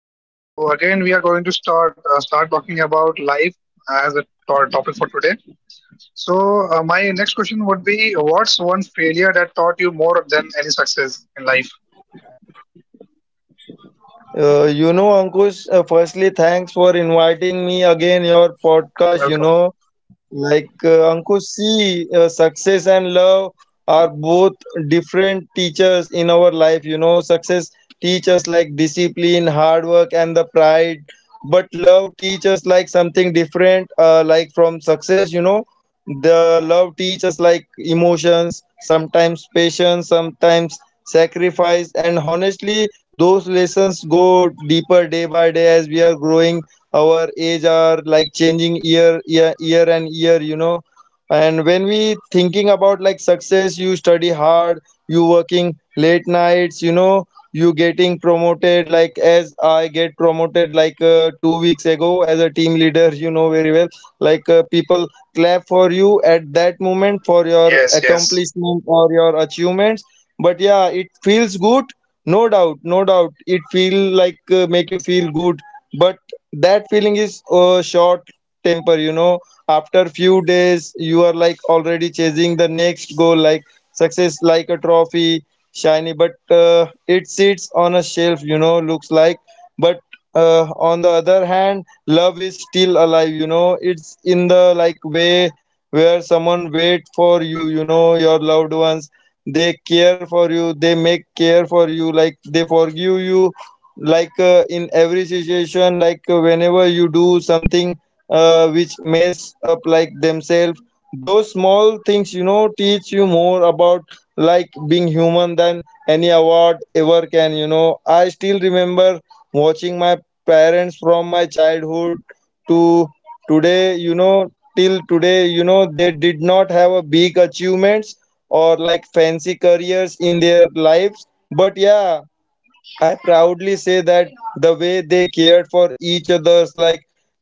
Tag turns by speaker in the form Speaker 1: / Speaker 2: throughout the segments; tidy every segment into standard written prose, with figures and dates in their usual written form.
Speaker 1: So again, we are going to start talking about life as a topic for today. So my next question would be, what's one failure that taught you more than any success in life?
Speaker 2: You know, Ankush, firstly, thanks for inviting me again your podcast. You
Speaker 1: Welcome.
Speaker 2: know, like Ankush, see, success and love are both different teachers in our life. You know, success teaches like discipline, hard work, and the pride. But love teaches like something different. Like from success, you know, the love teaches like emotions, sometimes patience, sometimes sacrifice, and honestly, those lessons go deeper day by day as we are growing our age are like changing year and year, you know. And when we thinking about like success, you study hard, you working late nights, you know, you getting promoted like as I get promoted like 2 weeks ago as a team leader, you know very well. Like people clap for you at that moment for your
Speaker 1: Yes, yes,
Speaker 2: accomplishment or your achievements. But yeah, it feels good. No doubt, no doubt it feel like make you feel good. But that feeling is short temper, you know. After few days you are like already chasing the next goal, like success like a trophy shiny, but it sits on a shelf, you know, looks like. But on the other hand, love is still alive, you know, it's in the like way where someone wait for you, you know, your loved ones. They care for you, they make care for you, like they forgive you like in every situation, like whenever you do something which mess up like themselves. Those small things, you know, teach you more about like being human than any award ever can, you know. I still remember watching my parents from my childhood to today, you know, till today, you know, they did not have a big achievements or like fancy careers in their lives. But yeah, I proudly say that the way they cared for each other's, like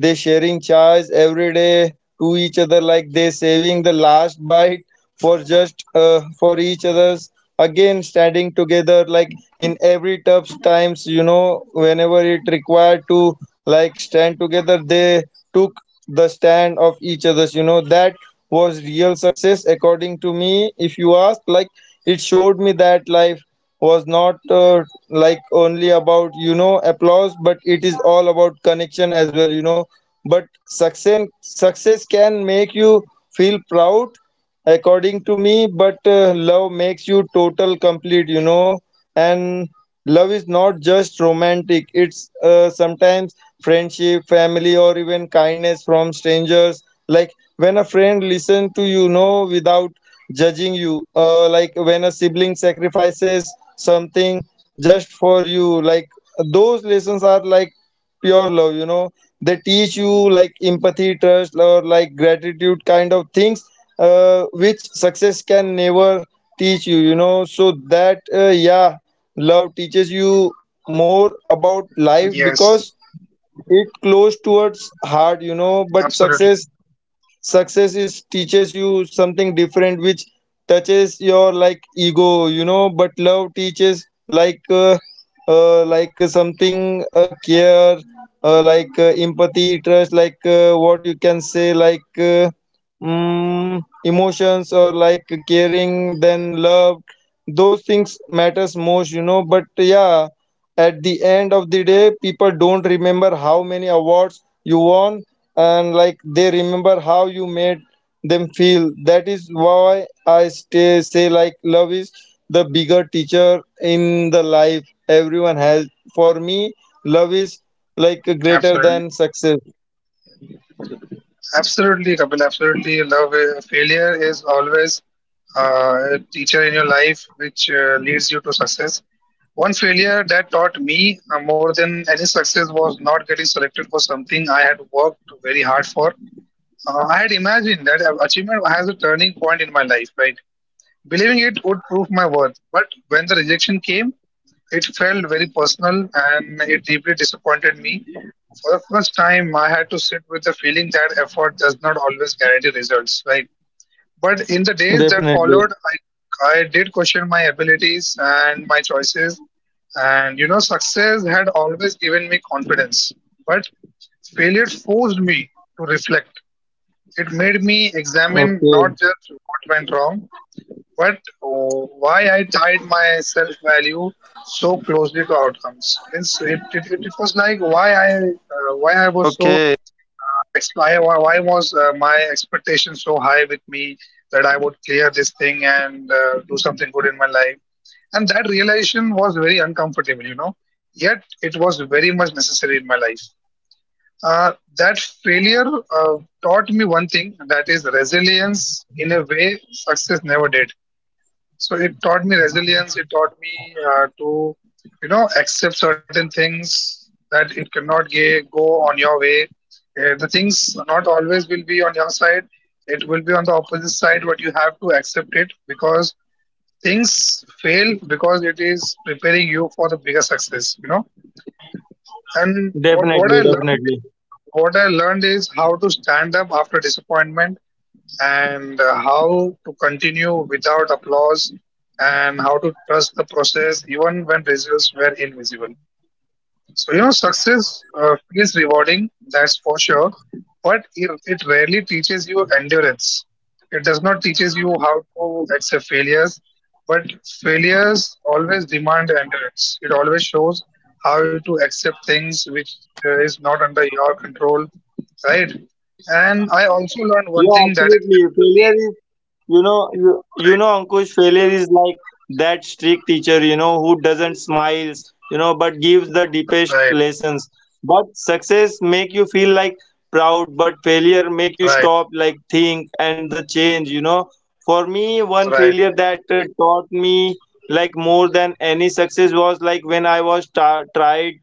Speaker 2: they sharing chais every day to each other, like they saving the last bite for just for each other's, again standing together, like in every tough times, you know, whenever it required to like stand together, they took the stand of each other's, you know. That was real success according to me, if you ask, like it showed me that life was not like only about, you know, applause, but it is all about connection as well, you know. But success can make you feel proud according to me, but love makes you total complete, you know. And love is not just romantic, it's sometimes friendship, family, or even kindness from strangers, like when a friend listens to you, you know, without judging you. Like when a sibling sacrifices something just for you, like those lessons are like pure love, you know. They teach you like empathy, trust, or like gratitude kind of things, which success can never teach you, you know. So that yeah, love teaches you more about life
Speaker 1: yes.
Speaker 2: because it close towards heart, you know. But
Speaker 1: Absolutely,
Speaker 2: success is teaches you something different which touches your like ego, you know. But love teaches like something care, like empathy, trust, like what you can say, like emotions or like caring, then love, those things matters most, you know. But yeah, at the end of the day, people don't remember how many awards you won, and like they remember how you made them feel. That is why I stay say like love is the bigger teacher in the life everyone has. For me, love is like greater than
Speaker 1: absolutely.
Speaker 2: success.
Speaker 1: Absolutely, Kapil. Absolutely, love. Failure is always a teacher in your life, which leads you to success. One failure that taught me more than any success was not getting selected for something I had worked very hard for. I had imagined that achievement has a turning point in my life, right? Believing it would prove my worth. But when the rejection came, it felt very personal and it deeply disappointed me. For the first time, I had to sit with the feeling that effort does not always guarantee results, right? But in the days that
Speaker 2: Definitely.
Speaker 1: followed, I did question my abilities and my choices. And you know, success had always given me confidence, but failure forced me to reflect. It made me examine
Speaker 2: Okay.
Speaker 1: not just what went wrong, but why I tied my self value so closely to outcomes means it was like why I was so why was my expectation so high with me that I would clear this thing and do something good in my life and that realization was very uncomfortable, you know, yet it was very much necessary in my life. uh, that failure uh, taught me one thing, that is resilience in a way success never did. So it taught me resilience. It taught me to, you know, accept certain things that it cannot go on your way. The things not always will be on your side. It will be on the opposite side, but you have to accept it because things fail because it is preparing you for the bigger success. You know. And what I
Speaker 2: Definitely,
Speaker 1: learned
Speaker 2: definitely.
Speaker 1: is what I learned is how to stand up after disappointment and how to continue without applause and how to trust the process even when results were invisible. So, you know, success feels rewarding, that's for sure, but it rarely teaches you endurance. It does not teaches you how to accept failures, but failures always demand endurance. It always shows how to accept things which is not under your control, right? And I also learned one
Speaker 2: Yeah,
Speaker 1: thing, that is
Speaker 2: absolutely. Failure
Speaker 1: empathy,
Speaker 2: is, you know, you
Speaker 1: right?
Speaker 2: know, Ankush, failure is like that strict teacher, you know, who doesn't smiles, you know, but gives the deepest
Speaker 1: Right,
Speaker 2: lessons. But success make you feel like proud, but failure make you
Speaker 1: right,
Speaker 2: stop, like think and the change, you know. For me, one
Speaker 1: right,
Speaker 2: failure that taught me like more than any success was like when I was tried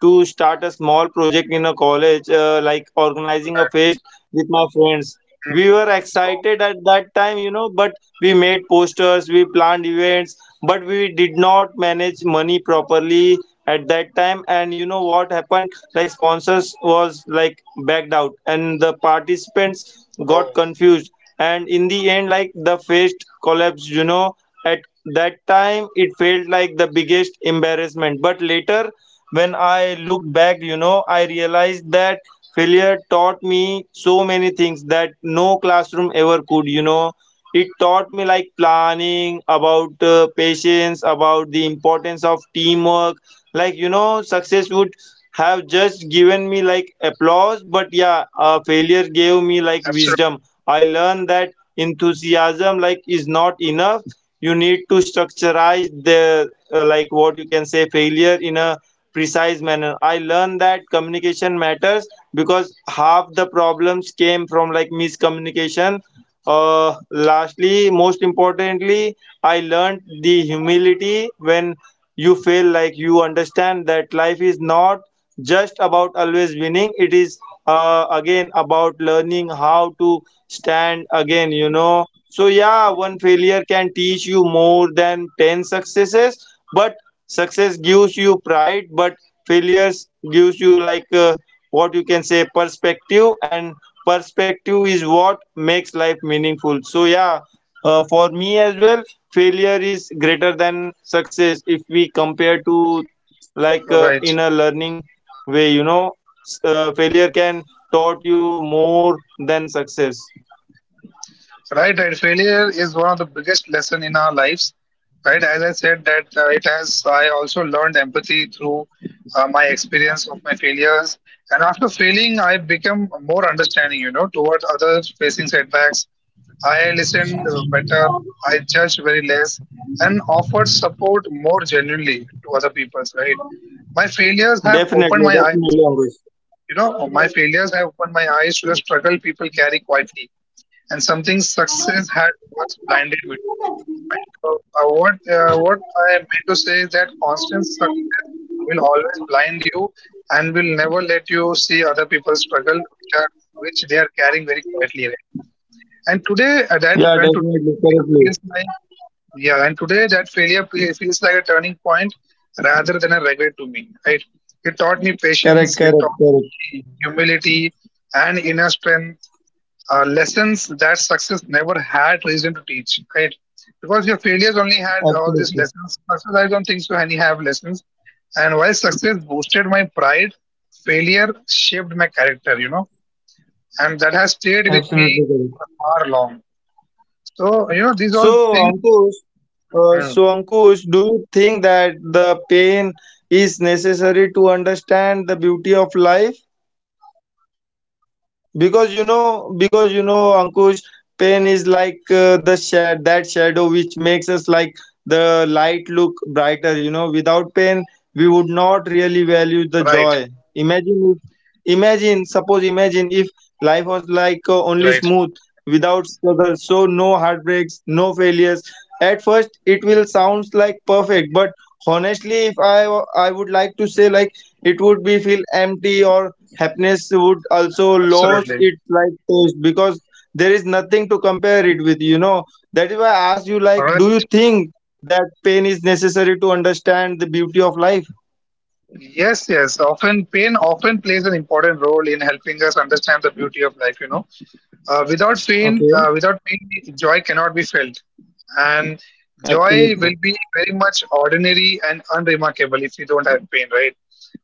Speaker 2: to start a small project in a college, like organizing a
Speaker 1: right.
Speaker 2: fest with my friends. We
Speaker 1: Mm.
Speaker 2: were
Speaker 1: Oh,
Speaker 2: excited at that time, you know, but we made posters, we planned events, but we did not manage money properly at that time. And you know what happened? Like sponsors was like backed out, and the participants got
Speaker 1: oh,
Speaker 2: confused. And in the end, like the fest collapsed. You know, at that time it felt like the biggest embarrassment. But later, when I look back, you know, I realized that failure taught me so many things that no classroom ever could. You know, it taught me like planning, about patience, about the importance of teamwork. Like, you know, success would have just given me like applause, but yeah, failure gave me like wisdom.
Speaker 1: absolutely,
Speaker 2: I learned that enthusiasm like is not enough. You need to structureize the like what you can say failure in a precise manner. I learned that communication matters because half the problems came from like miscommunication. Lastly, most importantly, I learned the humility when you feel like you understand that life is not just about always winning. It is again about learning how to stand again, you know. So yeah, one failure can teach you more than 10 successes, but success gives you pride, but failures gives you like what you can say, perspective, and perspective is what makes life meaningful. So yeah, for me as well, failure is greater than success if we compare to like
Speaker 1: right.
Speaker 2: in a learning way, you know. Failure can taught you more than success.
Speaker 1: Right, right. Failure is one of the biggest lesson in our lives. Right, as I said that it has. I also learned empathy through my experience of my failures, and after failing, I become more understanding. You know, toward others facing setbacks. I listened better. I judged very less, and offered support more genuinely to other people's. Right, my failures have opened
Speaker 2: Definitely,
Speaker 1: my
Speaker 2: definitely,
Speaker 1: eyes,
Speaker 2: Ankush.
Speaker 1: you know, my failures have opened my eyes to the struggle people carry quietly, and something success had once blinded me to. Right? What what I meant to say is that constant success will always blind you and will never let you see other people's struggle, which are which they are carrying very quietly, right? And today uh, that
Speaker 2: Yeah,
Speaker 1: and today that
Speaker 2: definitely,
Speaker 1: failure
Speaker 2: correctly.
Speaker 1: feels like yeah, and today that feels like a turning point rather than a regret to me. Right? It taught me
Speaker 2: correct
Speaker 1: patience. It
Speaker 2: correct
Speaker 1: taught
Speaker 2: correct
Speaker 1: me humility and inner strength. Lessons that success never had reason to teach. Right? Because your failures only had all these
Speaker 2: Absolutely.
Speaker 1: lessons. Success, I don't think so. Any have lessons. And while success boosted my pride, failure shaped my character. You know, and that has stayed with me
Speaker 2: Absolutely correct.
Speaker 1: for a far long. So, you know, these
Speaker 2: So,
Speaker 1: all things,
Speaker 2: Ankush,
Speaker 1: mm,
Speaker 2: do you think that the pain is necessary to understand the beauty of life? Because you know, ankush pain is like the shadow which makes us like the light look brighter, you know. Without pain, we would not really value the
Speaker 1: right,
Speaker 2: joy. imagine if- Imagine if life was like only
Speaker 1: right,
Speaker 2: smooth without struggle, so no heartbreaks, no failures. At first it will sounds like perfect, but honestly, if I would like to say like it would be feel empty, or happiness would also lose
Speaker 1: absolutely,
Speaker 2: its like taste, because there is nothing to compare it with, you know. That is why I ask you, like, do you
Speaker 1: right.
Speaker 2: think that pain is necessary to understand the beauty of life?
Speaker 1: Yes, yes. Often, pain often plays an important role in helping us understand the beauty of life, you know. Uh,
Speaker 2: Okay.
Speaker 1: without pain, joy cannot be felt. And joy will
Speaker 2: Absolutely.
Speaker 1: be very much ordinary and unremarkable if you don't have pain, right?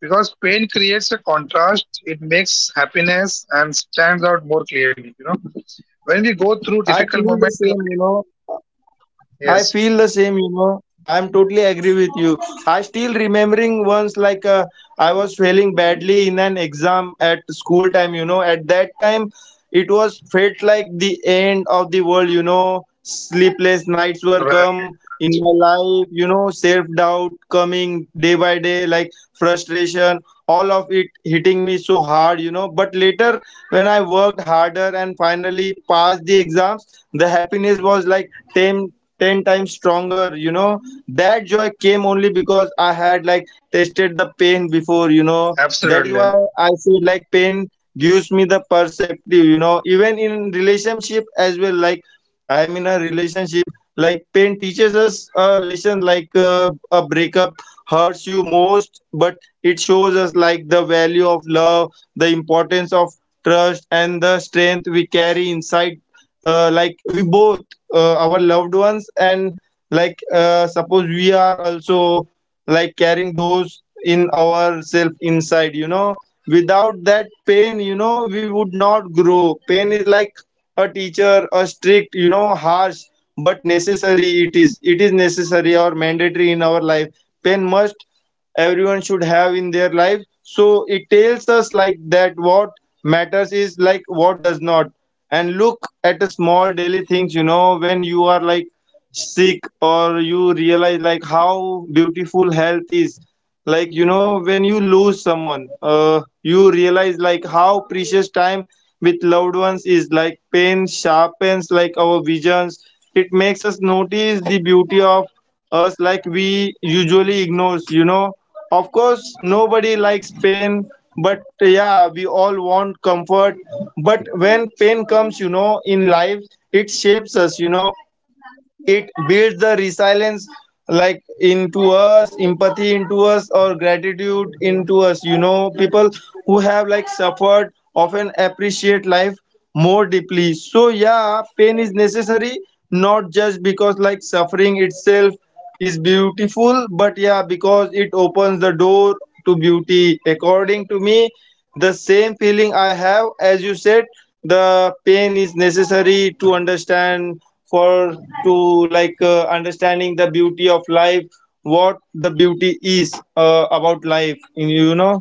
Speaker 1: Because pain creates a contrast, it makes happiness and stands out more clearly, you know. When we go through
Speaker 2: I
Speaker 1: difficult
Speaker 2: feel the
Speaker 1: moments in
Speaker 2: same, you
Speaker 1: life,
Speaker 2: know.
Speaker 1: yes.
Speaker 2: I'm totally agree with you. I still remembering once like I was failing badly in an exam at school time, you know. At that time, it was felt like the end of the world, you know. Sleepless nights were
Speaker 1: Right,
Speaker 2: come in
Speaker 1: right.
Speaker 2: my life, you know. Self doubt coming day by day, like frustration, all of it hitting me so hard, you know. But later, when I worked harder and finally passed the exams, the happiness was like 10 times stronger, you know. That joy came only because I had like tasted the pain before, you know. That is
Speaker 1: Absolutely.
Speaker 2: why I said like pain gives me the perspective, you know. Even in relationship as well, like I am in a relationship, like pain teaches us a lesson, like a breakup hurts you most, but it shows us like the value of love, the importance of trust, and the strength we carry inside. Like we both, our loved ones, and like suppose we are also like carrying those in ourself inside, you know. Without that pain, you know, we would not grow. Pain is like a teacher, a strict, you know, harsh but necessary. It is necessary or mandatory in our life. Pen must, everyone should have in their life. So it tells us like that what matters is like what does not. And look at the small daily things, you know, when you are like sick, or you realize like how beautiful health is. Like, you know, when you lose someone, you realize like how precious time with loved ones is. Like pain sharpens like our visions, it makes us notice the beauty of us like we usually ignores, you know. Of course, nobody likes pain, but yeah, we all want comfort. But when pain comes, you know, in life, it shapes us, you know. It builds the resilience like into us, empathy into us, or gratitude into us, you know. People who have like suffered often appreciate life more deeply. So yeah, pain is necessary, not just because like suffering itself is beautiful, but yeah, because it opens the door to beauty, according to me. The same feeling I have, as you said, the pain is necessary to understand, for to like understanding the beauty of life, what the beauty is about life in, you know.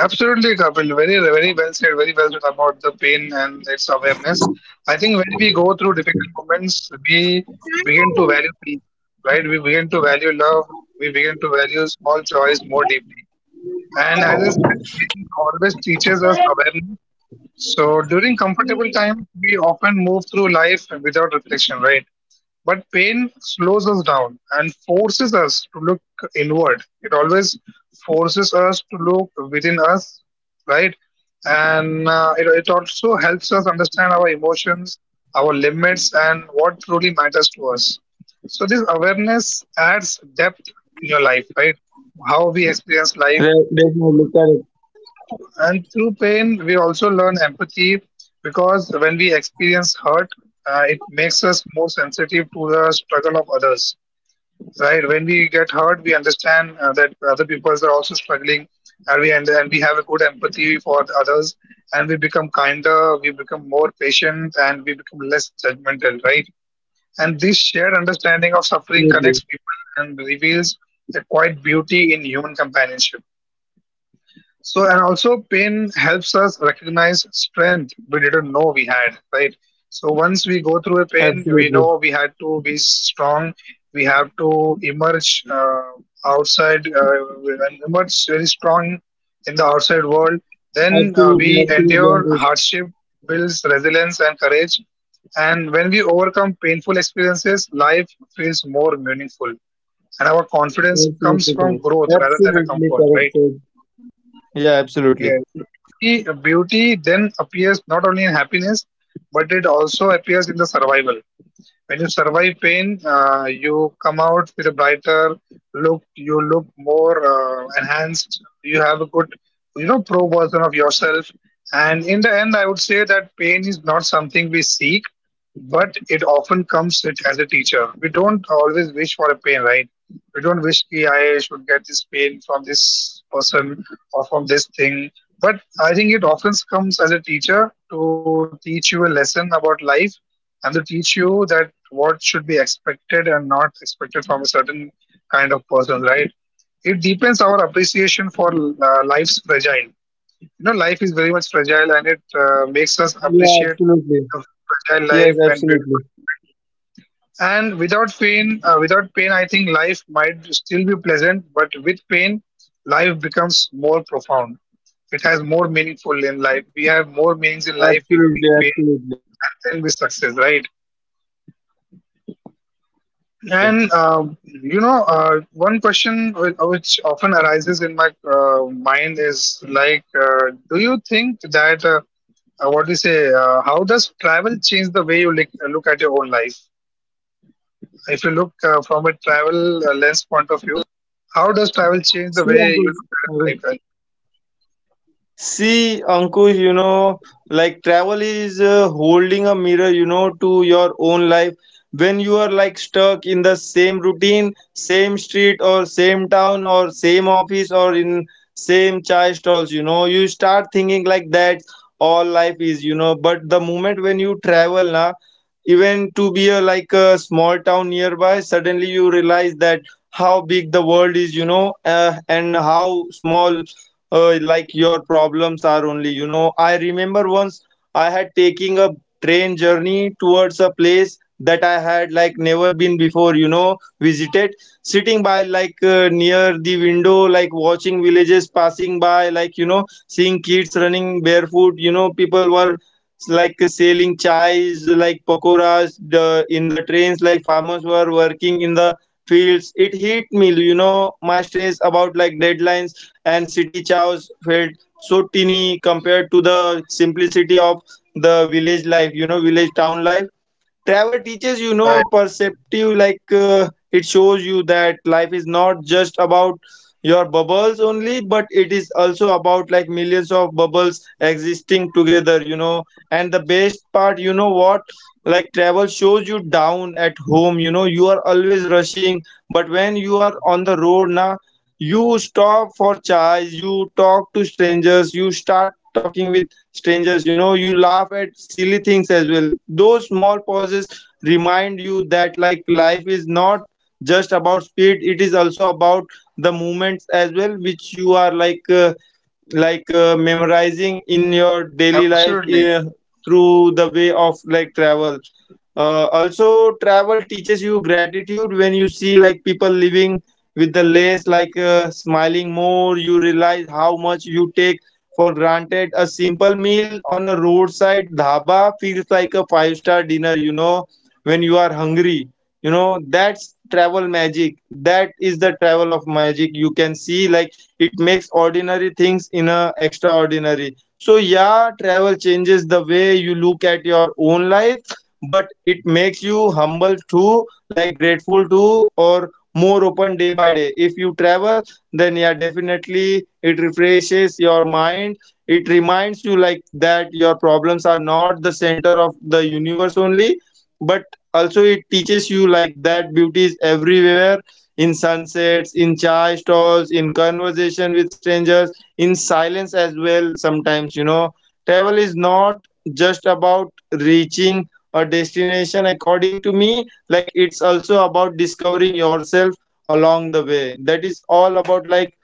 Speaker 1: Absolutely, Kapil. Very, very well said. Very well said about the pain and its awareness. I think when we go through difficult moments, we begin to value peace, right? We begin to value love. We begin to value small joys more deeply. And as I said, pain always teaches us awareness. So during comfortable times, we often move through life without reflection, right? But pain slows us down and forces us to look inward. It always forces us to look within us, right? And it also helps us understand our emotions, our limits, and what truly matters to us. So, this awareness adds depth in your life, right? To how we experience life
Speaker 2: Definitely
Speaker 1: and
Speaker 2: correct.
Speaker 1: and through pain, we also learn empathy because when we experience hurt, it makes us more sensitive to the struggle of others. Right? When we get hurt, we understand that other people are also struggling, and we have a good empathy for the others, and we become kinder, we become more patient, and we become less judgmental. Right? And this shared understanding of
Speaker 2: Yes,
Speaker 1: suffering
Speaker 2: absolutely
Speaker 1: connects people and reveals a quiet beauty in human companionship. So, and also pain helps
Speaker 2: correct.
Speaker 1: us recognize strength we didn't know we had, right? So, once we go through a pain, we
Speaker 2: Absolutely,
Speaker 1: know we had to be strong. We have to emerge outside, and emerge very strong in the outside world. Then
Speaker 2: absolutely,
Speaker 1: we
Speaker 2: absolutely
Speaker 1: endure
Speaker 2: Ankush.
Speaker 1: hardship, builds resilience and courage. And when we overcome painful experiences, life feels more meaningful. And our confidence
Speaker 2: Absolutely
Speaker 1: comes from
Speaker 2: correct,
Speaker 1: growth rather than a
Speaker 2: absolutely
Speaker 1: comfort,
Speaker 2: correct
Speaker 1: right?
Speaker 2: sir. Yeah, absolutely.
Speaker 1: Yes, and beauty, beauty then appears not only in happiness, but it also appears in the survival. When you survive pain, you come out with a brighter look. You look more enhanced. You have a good, you know, pro version of yourself. And in the end, I would say that pain is not something we seek but it often comes with, as a teacher. We don't always wish for a pain, right? We don't wish ki I should get this pain from this person or from this thing. But I think it often comes as a teacher to teach you a lesson about life and to teach you that what should be expected and not expected from a certain kind of person, right? It deepens our appreciation for life's fragile, you know, life is very much fragile and it makes us
Speaker 2: Yeah,
Speaker 1: appreciate
Speaker 2: absolutely.
Speaker 1: the fragile
Speaker 2: Yes,
Speaker 1: life and
Speaker 2: absolutely.
Speaker 1: beautiful moments. And without pain uh, without pain I think life might still be pleasant, but with pain life becomes more profound. It has more meaningful in life. We have
Speaker 2: Absolutely,
Speaker 1: more meanings
Speaker 2: absolutely,
Speaker 1: in life if we fail and then we success, right?
Speaker 2: absolutely, absolutely,
Speaker 1: And you know, one question which often arises in my mind is like, do you think that what do you say? How does travel change the way you look, look at your own life? If you look from a travel lens point of view, how does travel change the way
Speaker 2: see
Speaker 1: you look at your
Speaker 2: Ankush
Speaker 1: life? And
Speaker 2: See, Ankush, you know, like travel is holding a mirror, you know, to your own life. When you are like stuck in the same routine, same street, or same town, or same office, or in same chai stalls, you know, you start thinking like that all life is, you know. But the moment when you travel, na, even to be a like a small town nearby, suddenly you realize that how big the world is, you know, and how small like your problems are, only you know. I remember once I had taking a journey towards a place that I had like never been before, you know, visited. Sitting by like near the window, like watching villages passing by like, you know, seeing kids running barefoot, you know, people were like selling chais like pakoras the, in the trains, like farmers were working in the fields. It hit me, you know, my stress about like deadlines and city chows felt so teeny compared to the simplicity of the village life, you know, village town life. Travel teaches, you know,
Speaker 1: right, right,
Speaker 2: perceptive, it shows you that life is not just about your bubbles only, but it is also about like millions of bubbles existing together. You know, and the best part, you know what, like travel shows you down at home. You know, you are always rushing, but when you are on the road now, you stop for chai, you talk to strangers, you start talking with strangers, you know, you laugh at silly things as well. Those small pauses remind you that like life is not just about speed, it is also about the moments as well, which you are memorizing in your daily life,
Speaker 1: absolutely,
Speaker 2: through the way of like travel. Also travel teaches you gratitude. When you see like people living with the less, smiling more, you realize how much you take for granted. A simple meal on a roadside dhaba feels like a five-star dinner, you know, when you are hungry. You know, that's travel magic. That is the
Speaker 1: absolutely,
Speaker 2: travel of magic. You can see, like, it makes ordinary things in a extraordinary. So, yeah, travel changes the way you look at your own life, but it makes you
Speaker 1: absolutely,
Speaker 2: humble too, like grateful too, or more open day by day. If you travel, then yeah, definitely it refreshes your mind. It reminds you like that your problems are not the center of the universe only, but also it teaches you like that beauty is everywhere, in sunsets, in chai stalls, in conversation with strangers,
Speaker 1: absolutely,
Speaker 2: in
Speaker 1: absolutely, Kapil,
Speaker 2: silence as
Speaker 1: absolutely,
Speaker 2: well sometimes. You know, travel is not just about reaching a destination, according to me, like it's also about discovering yourself along the way. That is all about, like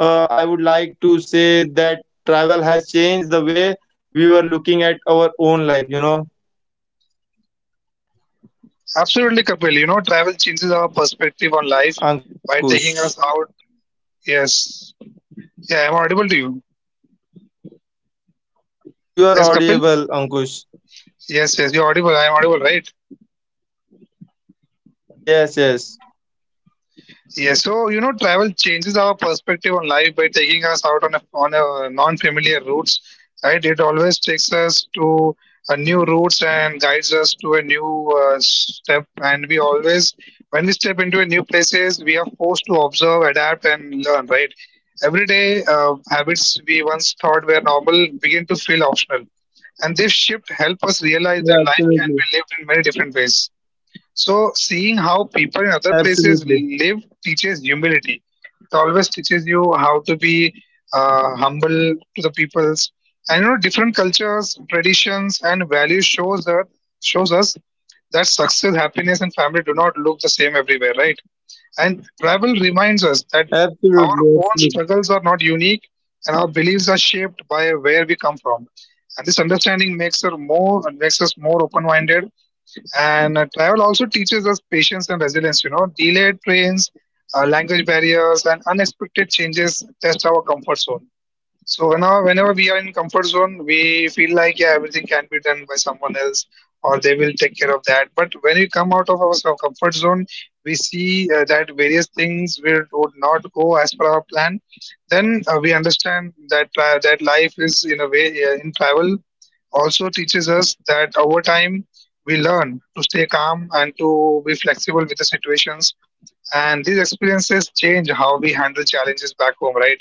Speaker 2: uh, I would like
Speaker 1: absolutely,
Speaker 2: to
Speaker 1: Kapil.
Speaker 2: say, that travel has changed the way we were looking at our own life, you know,
Speaker 1: Absolutely, Kapil. You know, travel changes our
Speaker 2: Ankush.
Speaker 1: perspective on life by taking us out. Yes. Yeah, I'm audible to you.
Speaker 2: Yes, you are audible, Ankush.
Speaker 1: Yes, Kapil. Yes, yes, you're audible. I'm audible, right?
Speaker 2: Yes, yes.
Speaker 1: Yes, so you know, travel changes our perspective on life by taking us out on a non-familiar routes, right? It always takes us to a new routes and guides us to a new step. And we always, when we step into a new places, we are forced to observe, adapt, and learn, right? Everyday habits we once thought were normal
Speaker 2: Yeah,
Speaker 1: begin to feel
Speaker 2: absolutely.
Speaker 1: optional, and this shift help us realize that life can be lived in many different
Speaker 2: Absolutely,
Speaker 1: ways. So seeing how people in other places live teaches humility. It always teaches you how to be humble to the peoples. And you know, different cultures, traditions, and values shows that shows us that success, happiness, and family do not look the same everywhere,
Speaker 2: absolutely,
Speaker 1: right?
Speaker 2: absolutely,
Speaker 1: And travel reminds us that our own struggles are not unique and our beliefs are shaped by where we come from. And this understanding makes us more open-minded and travel also teaches us patience and resilience, you know, delayed trains, language barriers, and unexpected changes test our comfort zone. So whenever we are in comfort zone, we feel like yeah, everything can be done by someone else, or they will take care of that. But when we come out of our comfort zone, we see that various things will would not go as per our plan. Then we understand that that life is in a way in travel also teaches us that over time we learn to stay calm and to be flexible with the situations. And these experiences change how we handle challenges back home, right?